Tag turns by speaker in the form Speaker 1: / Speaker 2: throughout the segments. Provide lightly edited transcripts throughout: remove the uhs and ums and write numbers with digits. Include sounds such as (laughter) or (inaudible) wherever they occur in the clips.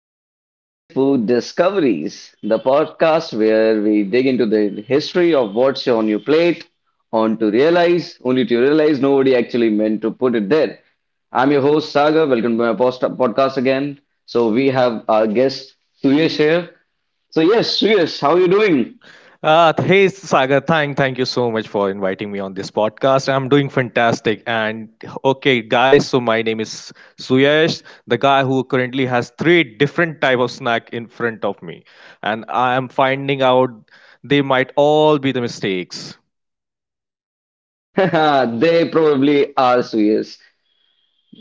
Speaker 1: Unexpected Food Discoveries, the podcast where we dig into the history of what's on your plate, only to realize nobody actually meant to put it there. I'm your host, Sagar. Welcome to my podcast again. So, we have our guest, Suyesh, here. So, yes, Suyesh, how are you doing?
Speaker 2: Hey Sagar, thank you so much for inviting me on this podcast. I'm doing fantastic. And okay, guys, so my name is Suyash, the guy who currently has three different type of snack in front of me, and I am finding out they might all be the mistakes.
Speaker 1: (laughs) They probably are, Suyesh.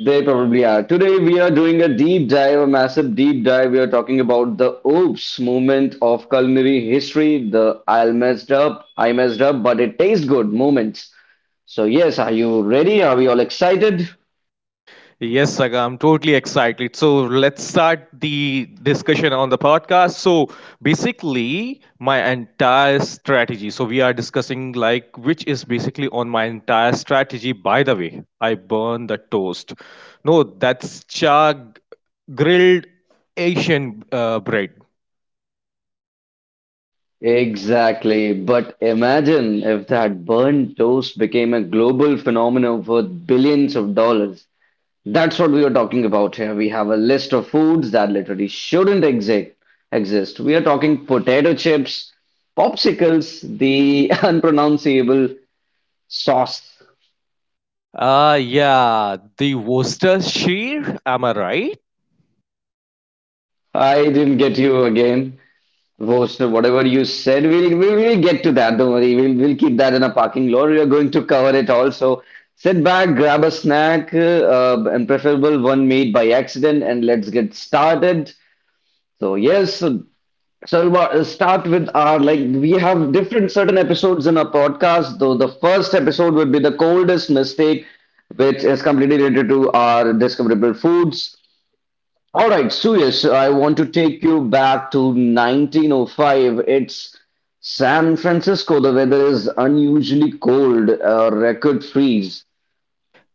Speaker 1: They probably are. Today we are doing a deep dive, a massive deep dive. We are talking about the oops moment of culinary history, the I messed up, but it tastes good moments. So yes, are you ready? Are we all excited?
Speaker 2: Yes, Saga, I'm totally excited. So let's start the discussion on the podcast. So basically, my entire strategy. So we are discussing like which is basically on my entire strategy. By the way, I burn the toast. No, that's chag grilled Asian bread.
Speaker 1: Exactly. But imagine if that burnt toast became a global phenomenon worth billions of dollars. That's what we are talking about here. We have a list of foods that literally shouldn't exist. We are talking potato chips, popsicles, the (laughs) unpronounceable sauce.
Speaker 2: Ah, yeah, the Worcestershire. Am I right?
Speaker 1: I didn't get you again, Voster. Whatever you said, we'll get to that. Don't worry. We'll keep that in a parking lot. We are going to cover it all. So sit back, grab a snack, and preferable one made by accident, and let's get started. So yes, so I'll start with our like we have different certain episodes in our podcast. Though the first episode would be the coldest mistake, which is completely related to our discoverable foods. All right, Suyash, I want to take you back to 1905. It's San Francisco. The weather is unusually cold, a record freeze.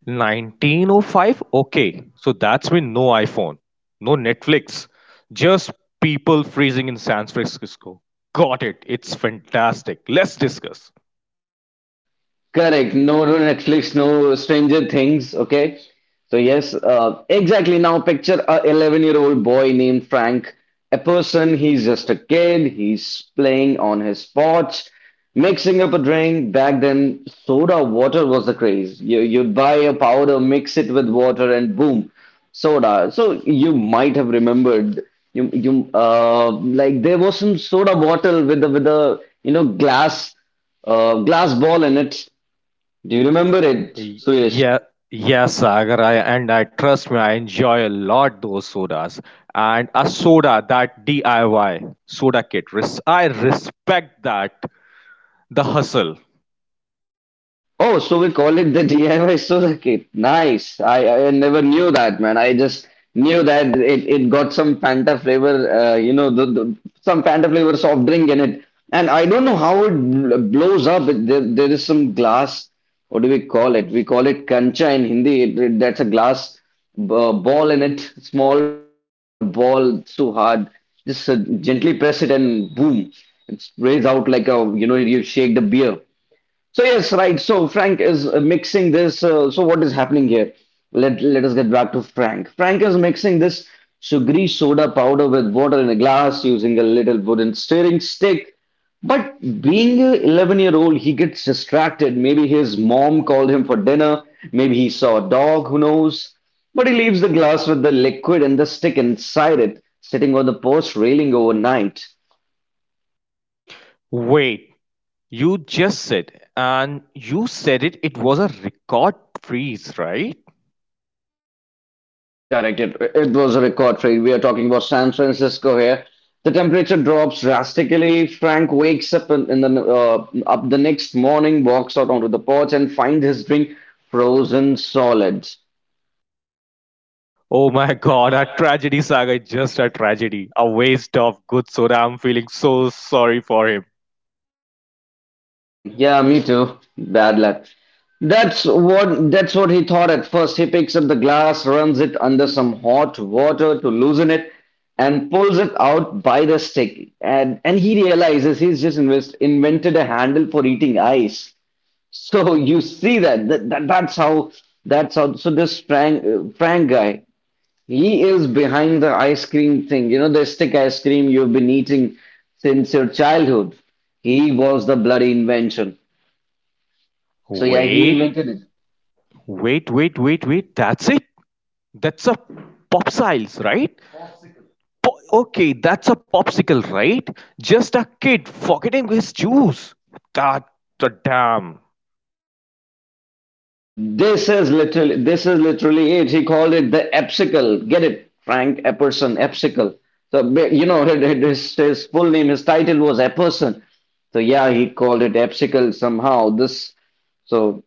Speaker 2: 1905? Okay, so that's when no iPhone, no Netflix, just people freezing in San Francisco. Got it. It's fantastic. Let's discuss.
Speaker 1: Correct. No, no Netflix, no Stranger Things. Okay. So, yes, exactly. Now, picture a 11-year-old boy named Frank, a person, he's just a kid, he's playing on his porch, mixing up a drink. Back then, soda water was the craze. You'd buy a powder, mix it with water, and boom, soda. So, you might have remembered. You like there was some soda bottle with the you know glass glass ball in it. Do you remember it,
Speaker 2: Y-
Speaker 1: Suresh?
Speaker 2: Yeah, yes. Sagar. I trust me, I enjoy a lot those sodas. And a soda, that DIY soda kit. I respect that. The hustle.
Speaker 1: Oh, so we call it the (laughs) DIY Solar Kit. Nice. I never knew that, man. I just knew that it got some Fanta flavor, you know, some Fanta flavor soft drink in it. And I don't know how it blows up. There is some glass. What do we call it? We call it kancha in Hindi. That's a glass ball in it, small ball, it's too hard. Just gently press it and boom, it sprays out like a, you know, you shake the beer. So yes, right. So Frank is mixing this. So what is happening here? Let us get back to Frank. Frank is mixing this sugary soda powder with water in a glass using a little wooden stirring stick. But being a 11-year-old, he gets distracted. Maybe his mom called him for dinner. Maybe he saw a dog. Who knows? But he leaves the glass with the liquid and the stick inside it, sitting on the porch railing overnight.
Speaker 2: Wait, you just said, and you said it. It was a record freeze, right?
Speaker 1: Yes, correct. It was a record trade. We are talking about San Francisco here. The temperature drops drastically. Frank wakes up in the next morning, walks out onto the porch, and finds his drink frozen solid.
Speaker 2: Oh my God, a tragedy, Saga, is just a tragedy. A waste of good soda. I'm feeling so sorry for him.
Speaker 1: Yeah, me too. Bad luck. That's what he thought at first. He picks up the glass, runs it under some hot water to loosen it, and pulls it out by the stick. And he realizes he's just invented a handle for eating ice. So you see that's how. So this Frank Frank guy, he is behind the ice cream thing. You know the stick ice cream you've been eating since your childhood. He was the bloody invention. So yeah, he
Speaker 2: Wait,
Speaker 1: invented it.
Speaker 2: wait. That's it? That's a popsiles, right? Okay, that's a popsicle, right? Just a kid forgetting his juice. That the damn.
Speaker 1: This is literally it. He called it the Epsicle. Get it, Frank Epperson, Epsicle. So you know (laughs) his full name, his title was Epperson. So yeah, he called it Epsicle somehow. This so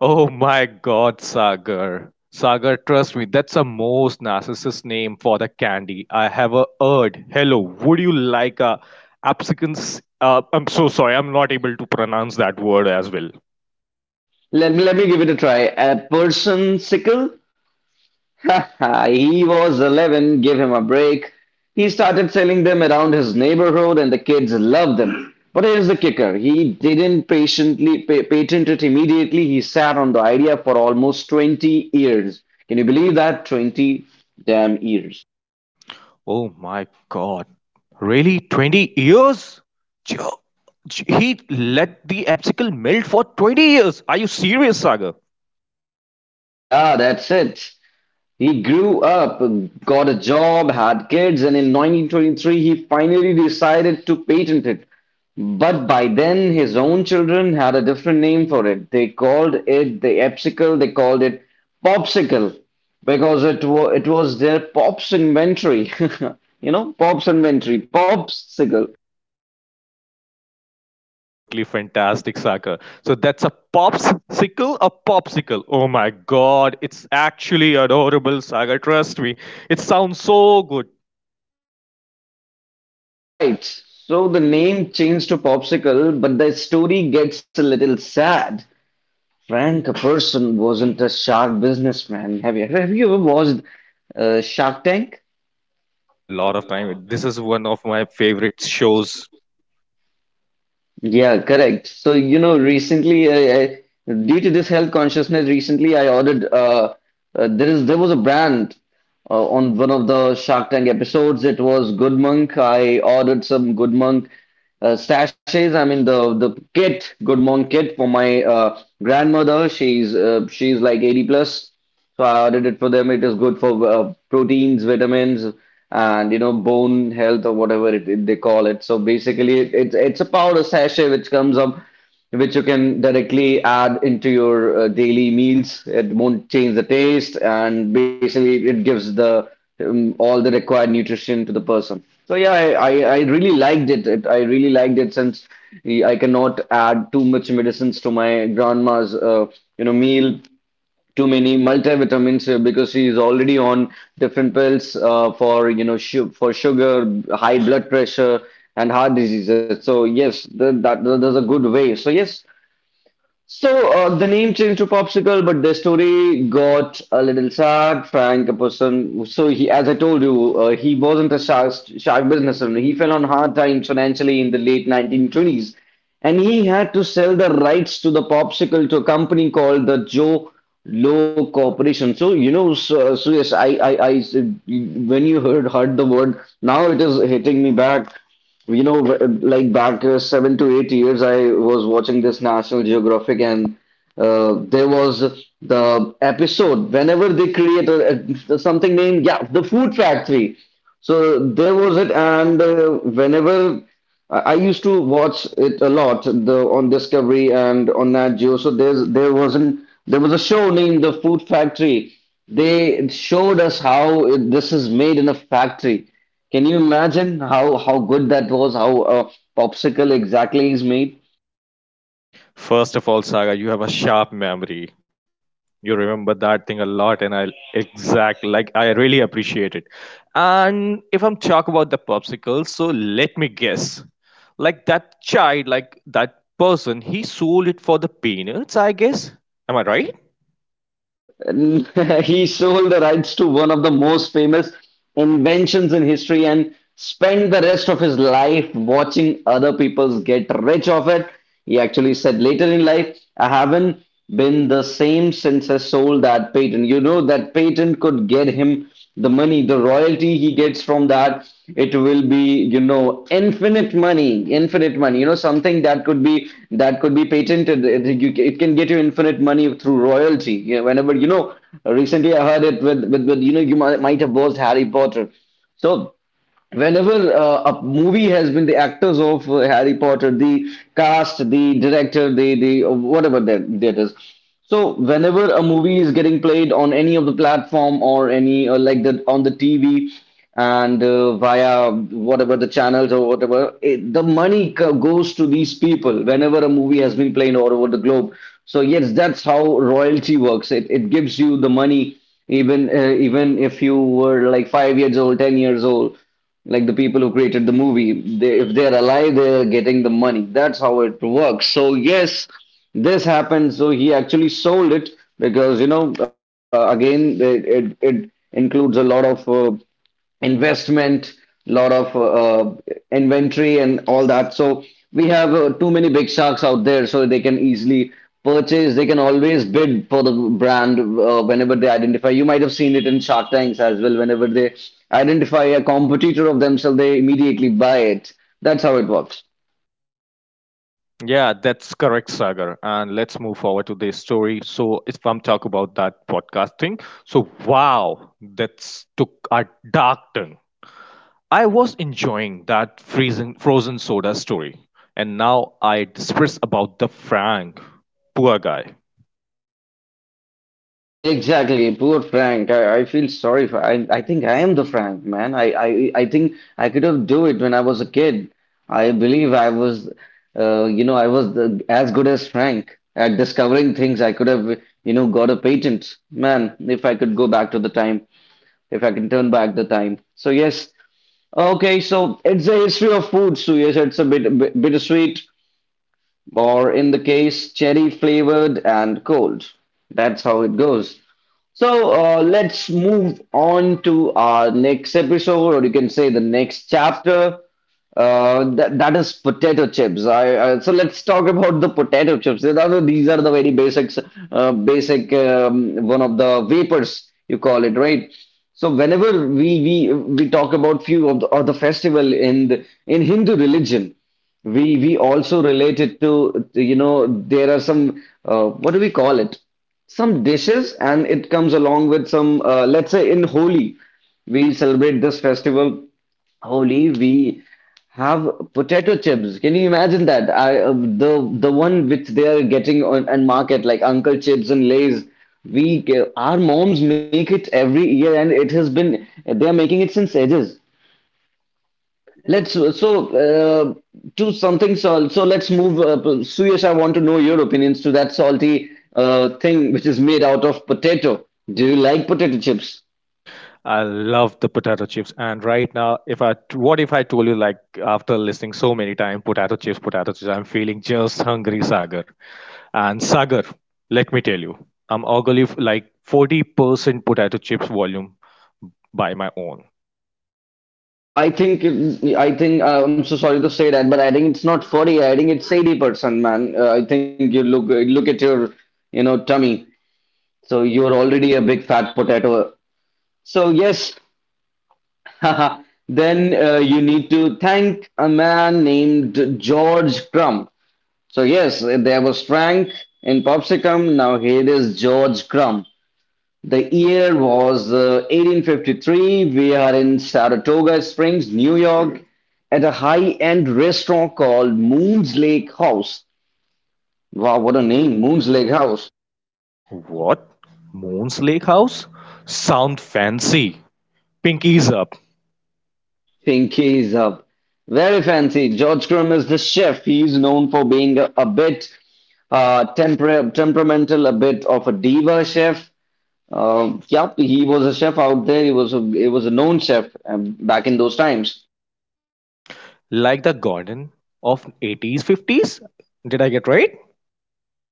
Speaker 2: Oh my God, Sagar. Sagar, trust me, that's the most narcissist name for the candy I have heard. Hello, would you like a absicans? I'm so sorry, I'm not able to pronounce that word as well.
Speaker 1: Let me give it a try. A person sickle? (laughs) He was 11, give him a break. He started selling them around his neighborhood and the kids loved them. But here's the kicker. He didn't patent it immediately. He sat on the idea for almost 20 years. Can you believe that? 20 damn years.
Speaker 2: Oh my God. Really? 20 years? Jo- He let the absicle melt for 20 years. Are you serious, Sagar?
Speaker 1: Yeah, that's it. He grew up, got a job, had kids, and in 1923 he finally decided to patent it. But by then his own children had a different name for it. They called it the Epsicle, they called it Popsicle because it was their Pop's inventory. (laughs) You know, Pop's inventory, Popsicle.
Speaker 2: That's totally fantastic, Saka. So that's a popsicle, a popsicle. Oh my god, it's actually adorable, Saka. Trust me, it sounds so good.
Speaker 1: Right. So the name changed to Popsicle, but the story gets a little sad. Frank Person wasn't a shark businessman. Have you ever watched Shark Tank?
Speaker 2: A lot of time. This is one of my favorite shows.
Speaker 1: Yeah, correct. So you know, recently, due to this health consciousness, recently I ordered. There is there was a brand on one of the Shark Tank episodes. It was Good Monk. I ordered some Good Monk sachets. I mean the kit, Good Monk kit for my grandmother. She's like 80 plus. So I ordered it for them. It is good for proteins, vitamins, and you know bone health or whatever they call it. So basically, it's a powder sachet which comes up, which you can directly add into your daily meals. It won't change the taste, and basically, it gives the all the required nutrition to the person. So yeah, I really liked it. It. I really liked it since I cannot add too much medicines to my grandma's you know meal too many multivitamins because she is already on different pills for you know su for sugar, high blood pressure, and heart diseases. So yes, that there's a good way. So yes, so the name changed to Popsicle, but the story got a little sad. Frank, a person, so he, as I told you, he wasn't a shark businessman. He fell on hard times financially in the late 1920s, and he had to sell the rights to the Popsicle to a company called the Joe Low Corporation. So you know, so yes, I, when you heard the word, now it is hitting me back. You know, like back 7 to 8 years, I was watching this National Geographic, and there was the episode whenever they create something named, yeah, the food factory. So there was it, and whenever I used to watch it a lot, the on Discovery and on Nat Geo. So there's there wasn't there was a show named The Food Factory. They showed us how this is made in a factory. Can you imagine how good that was? How a popsicle exactly is made?
Speaker 2: First of all, Saga, you have a sharp memory. You remember that thing a lot, and I exact like I really appreciate it. And if I'm talk about the popsicle, so let me guess, like that child, like that person, he sold it for the peanuts, I guess. Am I right?
Speaker 1: (laughs) He sold the rights to one of the most famous inventions in history and spent the rest of his life watching other people's get rich off it. He actually said later in life, I haven't been the same since I sold that patent. You know, that patent could get him the money, the royalty he gets from that, it will be, you know, infinite money. You know, something that could be patented. It can get you infinite money through royalty. You know, whenever you know, recently I heard it with you know, might have watched Harry Potter. So whenever a movie has been the actors of Harry Potter, the cast, the director, the whatever that is. So whenever a movie is getting played on any of the platform or any like the on the TV and via whatever the channels or whatever, the money goes to these people whenever a movie has been played all over the globe. So yes, that's how royalty works. It gives you the money even if you were like 5 years old, 10 years old like the people who created the movie they, if they're alive they're getting the money, that's how it works. So yes, this happened, so he actually sold it because you know again, it includes a lot of investment, lot of inventory and all that. So we have too many big sharks out there, so they can easily purchase. They can always bid for the brand whenever they identify. You might have seen it in Shark Tanks as well. Whenever they identify a competitor of themselves, they immediately buy it. That's how it works.
Speaker 2: Yeah, that's correct, Sagar. And let's move forward to the story. So, if I'm talk about that podcast thing, so wow, that's took a dark turn. I was enjoying that freezing frozen soda story, and now I disperse about the Frank, poor guy.
Speaker 1: Exactly, poor Frank. I feel sorry for. I think I am the Frank man. I think I could have do it when I was a kid. I believe I was, you know, I was the, as good as Frank at discovering things. I could have, you know, got a patent. Man, if I could go back to the time, if I can turn back the time. So yes, okay. So it's a history of food. So yes, it's a bit bittersweet, or in the case, cherry flavored and cold. That's how it goes. So let's move on to our next episode, or you can say the next chapter. That is potato chips. So let's talk about the potato chips. These are the very basics, basic one of the vapors you call it, right? So whenever we talk about few of the festival in the, in Hindu religion, we also relate it to you know there are some what do we call it? Some dishes, and it comes along with some let's say in Holi we celebrate this festival. Holi we have potato chips. Can you imagine that? I The one which they are getting on and market like Uncle Chips and Lays, our moms make it every year, and it has been they are making it since ages. Let's so uh, to something salt. So so let's move. Suyash, I want to know your opinions to that salty thing which is made out of potato. Do you like potato chips?
Speaker 2: I love the potato chips, and right now, if I what if I told you like after listening so many times, potato chips, I'm feeling just hungry, Sagar. And Sagar, let me tell you, I'm ogling like 40% potato chips volume by my own.
Speaker 1: I think it- I think I'm so sorry to say that, but I think it's not 40. I think it's 80%, man. I think you look at your you know tummy. So you're already a big fat potato. So yes, (laughs) then you need to thank a man named George Crumb. So yes, there was Frank in Popsicum. Now here is George Crumb. The year was 1853. We are in Saratoga Springs, New York, at a high-end restaurant called Moon's Lake House. Wow, what a name, Moon's Lake House.
Speaker 2: What? Moon's Lake House? Sound fancy. Pinkies up.
Speaker 1: Pinkies up. Very fancy. George Crumb is the chef. He is known for being a bit temperamental, a bit of a diva chef. Yep, he was a chef out there. He was a known chef back in those times.
Speaker 2: Like the Gordon of 80s 50s, did I get right?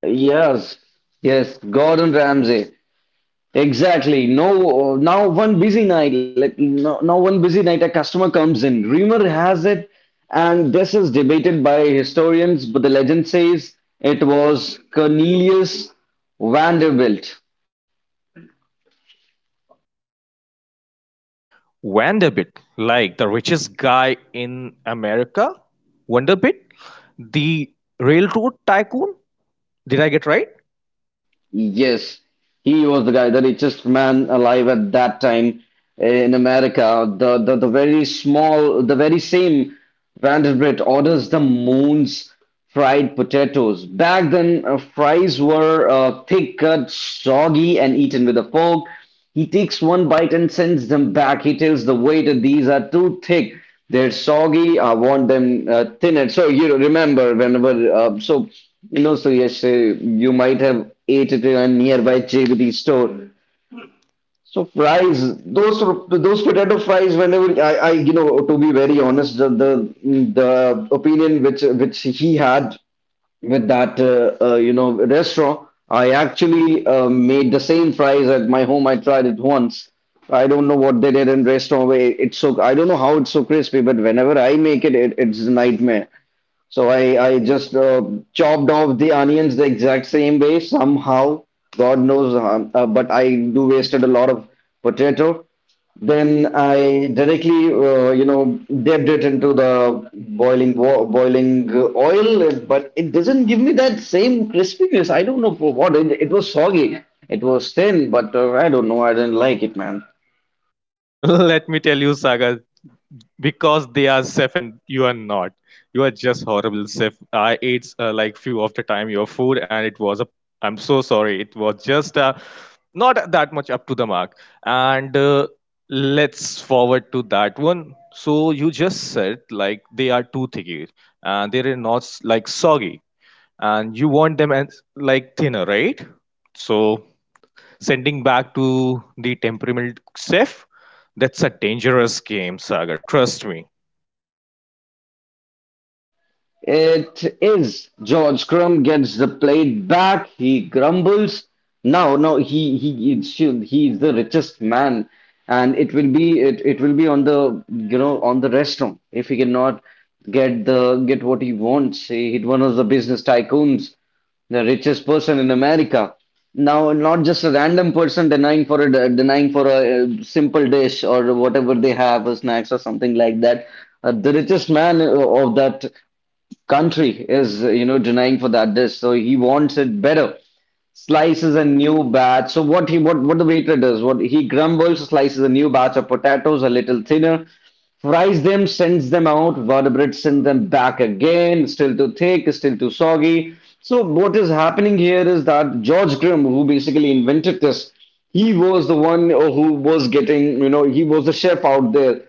Speaker 1: Yes, yes, Gordon Ramsay. Exactly. No, now one busy night. Like now one busy night, a customer comes in. Rumor has it, and this is debated by historians, but the legend says it was Cornelius Vanderbilt.
Speaker 2: Vanderbilt, like the richest guy in America, Vanderbilt, the railroad tycoon, did I get right?
Speaker 1: Yes, he was the guy, the richest man alive at that time eh, in America. The very small, the very same Vanderbilt orders the moon's fried potatoes. Back then, fries were thick cut, soggy, and eaten with a fork. He takes one bite and sends them back. He tells the waiter these are too thick. They're soggy. I want them thinner. So you know, remember whenever so you know so yes you might have ate it in a nearby charity store. So fries, those potato fries. Whenever I you know to be very honest, the opinion which he had with that you know restaurant. I actually made the same fries at my home. I tried it once. I don't know what they did in restaurant way. It's so I don't know how it's so crispy, but whenever I make it, it it's a nightmare. So I just chopped off the onions the exact same way somehow. God knows, how, but I do wasted a lot of potato. Then I directly, you know, dipped it into the boiling oil, but it doesn't give me that same crispiness. I don't know for what. It was soggy. It was thin, but I don't know. I didn't like it, man.
Speaker 2: (laughs) Let me tell you, Sagar, because they are safe and you are not, you are just horrible safe. I ate like few of the time your food and it was a, I'm so sorry, it was just not that much up to the mark. And Let's forward to that one. So you just said like they are too thicky and they're not like soggy, and you want them as like thinner, right? So sending back to the temperamental chef, that's a dangerous game, Saga, trust me.
Speaker 1: It is. George Crumb gets the plate back. He grumbles. Now he is the richest man, and it will be on the you know on the restaurant if he cannot get what he wants. He one of the business tycoons, the richest person in America. Now, not just a random person denying for a, simple dish or whatever they have, or snacks or something like that. The richest man of that country is, you know, denying for that dish. So he wants it better. Slices a new batch. So what he what the waiter does? What he grumbles, slices a new batch of potatoes a little thinner, fries them, sends them out. Vertebrates send them back again. Still too thick, still too soggy. So what is happening here is that George Grimm, who basically invented this, he was the one who was getting, you know, he was the chef out there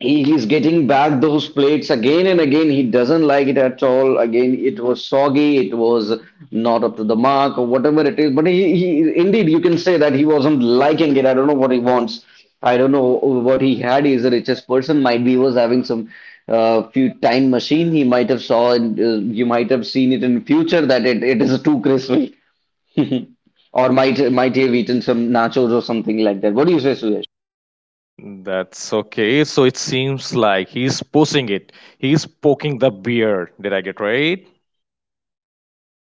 Speaker 1: he, he's getting back those plates again and again. He doesn't like it at all. Again, it was soggy, it was not up to the mark, or whatever it is. But he indeed, you can say that he wasn't liking it. I don't know what he wants. I don't know what he had. He's a richest person. Might be he was having some few time machine. He might have saw, and you might have seen it in future that it is too crispy, (laughs) or might he have eaten some nachos or something like that. What do you say, Suyash?
Speaker 2: That's okay. So it seems like he's pushing it. He's poking the bear. Did I get right?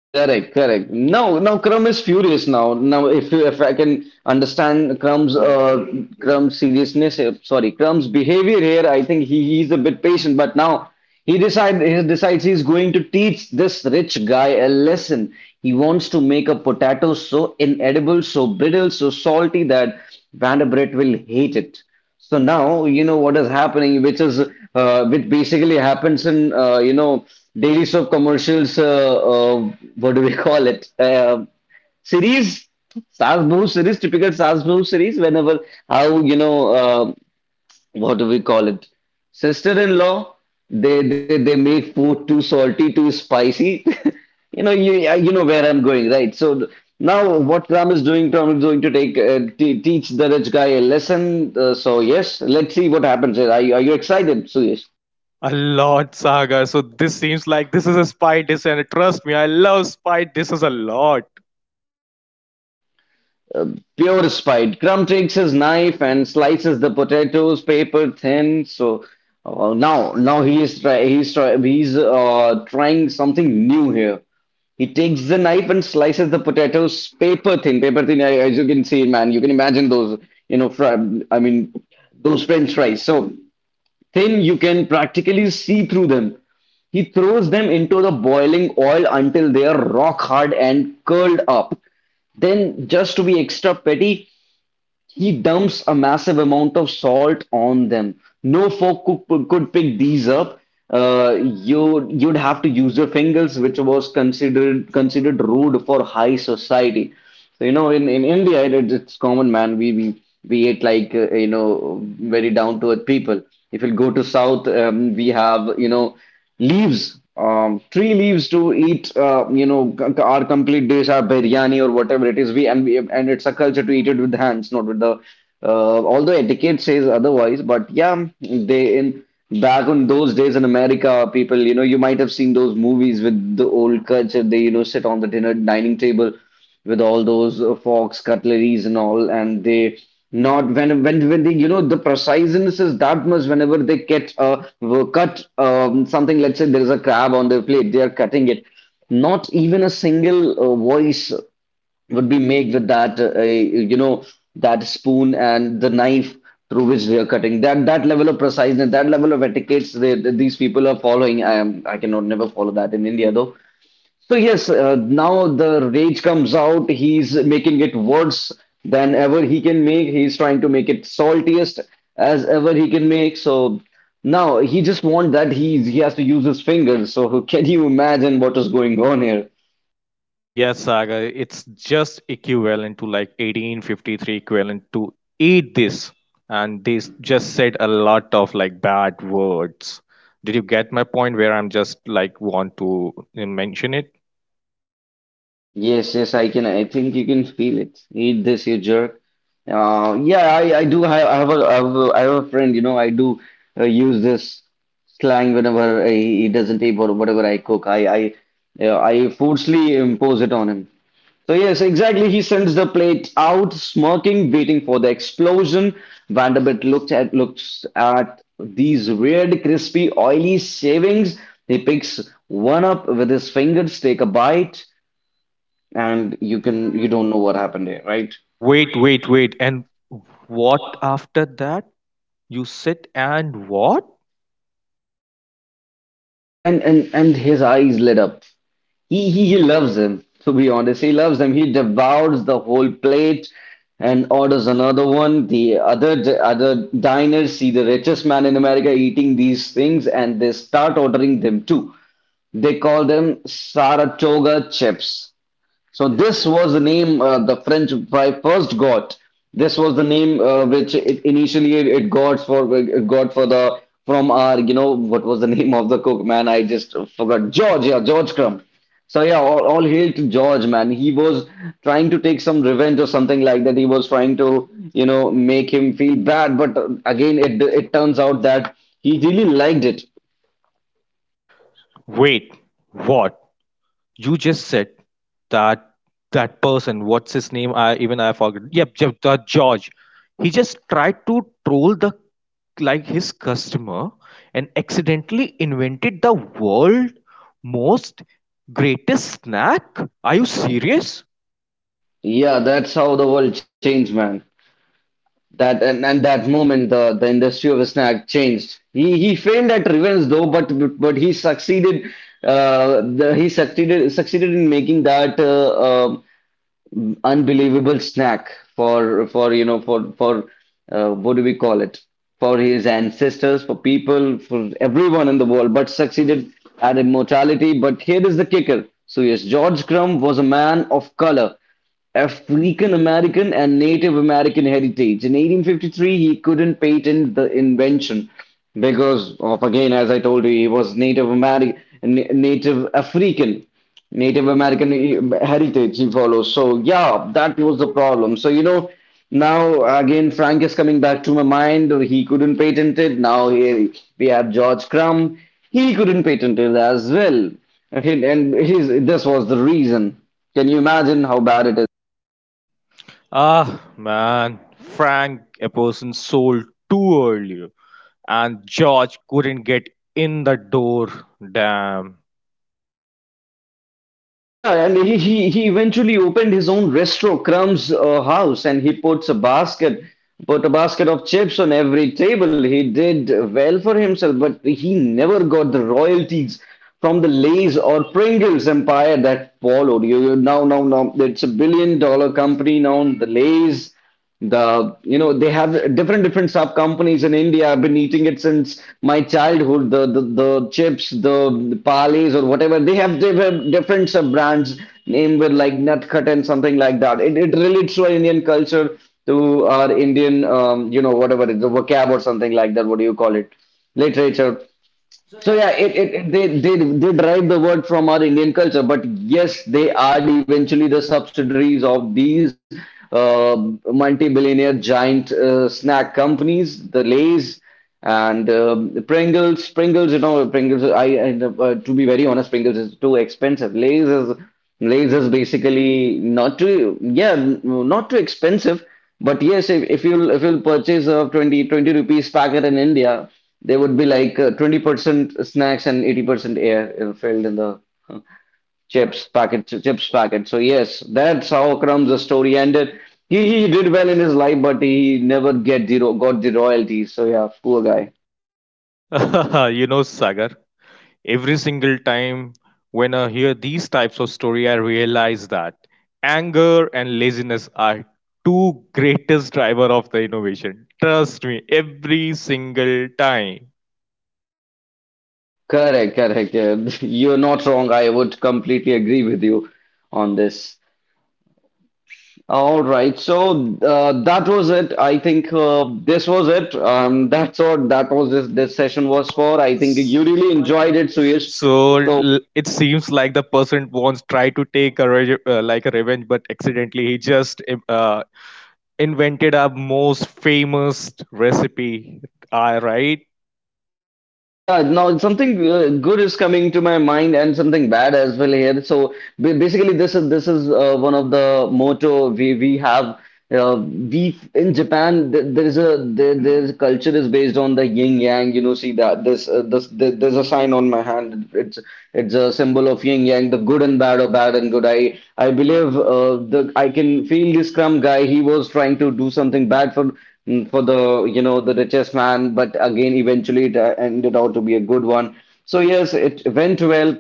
Speaker 1: Correct, correct. Now Crumb is furious now. Now, if I can understand Crumb's seriousness, sorry, Crumb's behavior here, I think he's a bit patient, but now he decides he's going to teach this rich guy a lesson. He wants to make a potato so inedible, so brittle, so salty that Vanderbilt will hate it. So now you know what is happening, which is which basically happens in you know daily soap commercials. What do we (laughs) call it? Series, Sas Bahu series, typical Sas Bahu series. Whenever how you know what do we call it? Sister-in-law, they make food too salty, too spicy. (laughs) You know, you know where I'm going, right? So now what Ram is doing, Ram is going to take t teach the rich guy a lesson. So yes, let's see what happens here. Are you excited, Suyesh?
Speaker 2: A lot, Saga. So this seems like this is a spy dish, and trust me, I love spy dishes a lot.
Speaker 1: Pure spite. Crumb takes his knife and slices the potatoes paper thin. So now he is try he's trying something new here. He takes the knife and slices the potatoes paper thin. Paper thin, as you can see, man, you can imagine those, you know, fr I mean, those French fries. So thin, you can practically see through them. He throws them into the boiling oil until they are rock hard and curled up. Then, just to be extra petty, he dumps a massive amount of salt on them. No fork could pick these up. You you'd have to use your fingers, which was considered rude for high society. So you know, in India, it, it's common, man. We ate like you know very down to earth people. If you go to South, we have you know leaves tree leaves to eat you know our complete dish, our biryani or whatever it is, we and it's a culture to eat it with hands, not with the although etiquette says otherwise, but yeah they in back on those days in America, people you know you might have seen those movies with the old culture, they you know sit on the dinner dining table with all those forks, cutleries, and all, and they not when they you know the preciseness is that much whenever they catch cut something, let's say there is a crab on their plate, they are cutting it, not even a single voice would be made with that you know that spoon and the knife through which they are cutting, that that level of preciseness, that level of etiquettes they, these people are following. I am I cannot never follow that in India though. So yes, now the rage comes out. He's making it worse than ever he can make. He's trying to make it saltiest as ever he can make. So now he just want that he has to use his fingers. So (laughs) can you imagine what is going on here?
Speaker 2: Yes, Saga. It's just equivalent to like 1853, equivalent to eat this. And they just said a lot of like bad words. Did you get my point where I'm just like want to mention it?
Speaker 1: Yes, yes, I can. I think you can feel it. Eat this, you jerk. I do have, I have a, I have a, I have a friend, you know, I do use this slang whenever he doesn't eat whatever I cook. I forcefully impose it on him. So yes, exactly. He sends the plate out, smirking, waiting for the explosion. Vanderbilt looks at these weird, crispy, oily shavings. He picks one up with his fingers, take a bite, and you don't know what happened there, right?
Speaker 2: Wait. And what after that? You said, and what?
Speaker 1: And his eyes lit up. He loves them. To be honest, he loves them. He devours the whole plate and orders another one. The other diners see the richest man in America eating these things, and they start ordering them too. They call them Saratoga chips. So this was the name the French fry first got. This was the name which it initially it, it got for the from our you know what was the (laughs) name of the cook man? I just forgot. George, yeah, George Crumb. So yeah, all hail to George, man. He was trying to take some revenge or something like that. He was trying to, you know, make him feel bad, but again it turns out that he really liked it.
Speaker 2: Wait, what? You just said that that person, what's his name? I forgot. Yep, that George. He just tried to troll the like his customer and accidentally invented the world most greatest snack? Are you serious?
Speaker 1: Yeah, that's how the world changed, man. And that moment the industry of snack changed. He failed at revenge though, but he succeeded. He succeeded in making that unbelievable snack for what do we call it, for his ancestors, for people, for everyone in the world, but succeeded at immortality. But here is the kicker. So yes, George Crumb was a man of color, African American and Native American heritage. In 1853, he couldn't patent the invention because of, again, as I told you, he was Native American, native african Native American heritage, he follows. So yeah, that was the problem. So you know, now again Frank is coming back to my mind. He couldn't patent it. Now here we have George Crumb. He couldn't patent it as well. And his This was the reason. Can you imagine how bad it is?
Speaker 2: Ah, man, Frank, a person sold too early. And George couldn't get in the door. Damn.
Speaker 1: Yeah, and he eventually opened his own restaurant, Crumb's House, and he puts a basket, put a basket of chips on every table. He did well for himself, but he never got the royalties from the Lay's or Pringles empire that followed. You now it's a billion dollar company now, the Lay's, the you know, they have different sub companies in India. I've been eating it since my childhood. The chips, the Parleys or whatever, they have different sub brands named with like Nutcut and something like that. It relates to our Indian culture, to our Indian you know, whatever it is, the vocab or something like that. What do you call it? Literature. So yeah, they derive the word from our Indian culture, but yes, they are eventually the subsidiaries of these uh, multi-billionaire giant snack companies, the Lay's and Pringles. Pringles, you know, Pringles. I to be very honest, Pringles is too expensive. Lay's is. Lay's is basically not too, yeah, not too expensive. But yes, if you'll purchase a 20 20 rupees packet in India, there would be like 20% snacks and 80% air filled in the uh, chips packet. So yes, that's how Crumb's story ended. He did well in his life, but he never got the royalties. So yeah, poor guy.
Speaker 2: (laughs) you know, Sagar, every single time when I hear these types of story, I realize that anger and laziness are two greatest driver of the innovation. Trust me, every single time.
Speaker 1: Correct, correct. Yeah. (laughs) You're not wrong. I would completely agree with you on this. All right, so that was it. I think this was it. That was this. This session was for. I think you really enjoyed it, Suyesh.
Speaker 2: So
Speaker 1: So
Speaker 2: it seems like the person wants try to take a like a revenge, but accidentally he just invented our most famous recipe. Right?
Speaker 1: yeah, now something good is coming to my mind and something bad as well here. So basically, this is one of the motto we have. Uh, we in Japan, there, there's culture is based on the yin yang, you know. See that, this there, there's a sign on my hand. It's a symbol of yin yang, the good and bad or bad and good. I believe, the I can feel this scrum guy, he was trying to do something bad for, for the, you know, the richest man, but again eventually it ended out to be a good one. So yes, it went well.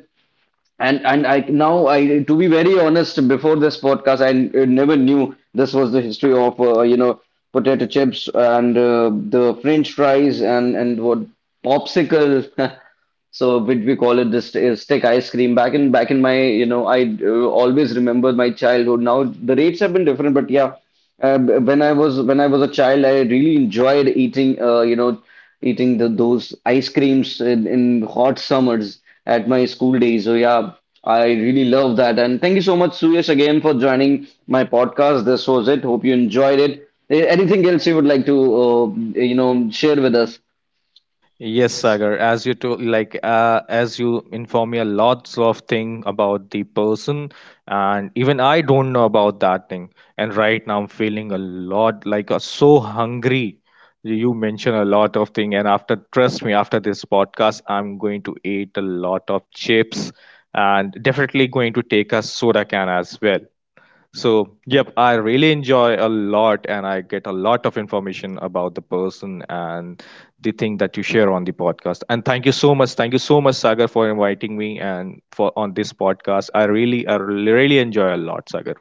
Speaker 1: And I now, I, to be very honest, before this podcast, I never knew this was the history of, you know, potato chips and, the French fries and what, popsicle. (laughs) So which we call it this stick ice cream. Back in my, you know, I always remember my childhood. Now the rates have been different, but yeah, when I was a child, I really enjoyed eating, you know, eating the, those ice creams in hot summers at my school days. So yeah, I really love that. And thank you so much, Suyash, again for joining my podcast. This was it. Hope you enjoyed it. Anything else you would like to, you know, share with us?
Speaker 2: Yes, Sagar. As you told, like as you inform me a lots of thing about the person, and even I don't know about that thing. And right now I'm feeling a lot like so hungry. You mention a lot of thing, and after trust me, after this podcast, I'm going to eat a lot of chips, and definitely going to take a soda can as well. So, yep, I really enjoy a lot and I get a lot of information about the person and the thing that you share on the podcast. And thank you so much. Thank you so much, Sagar, for inviting me and for on this podcast. I really enjoy a lot, Sagar.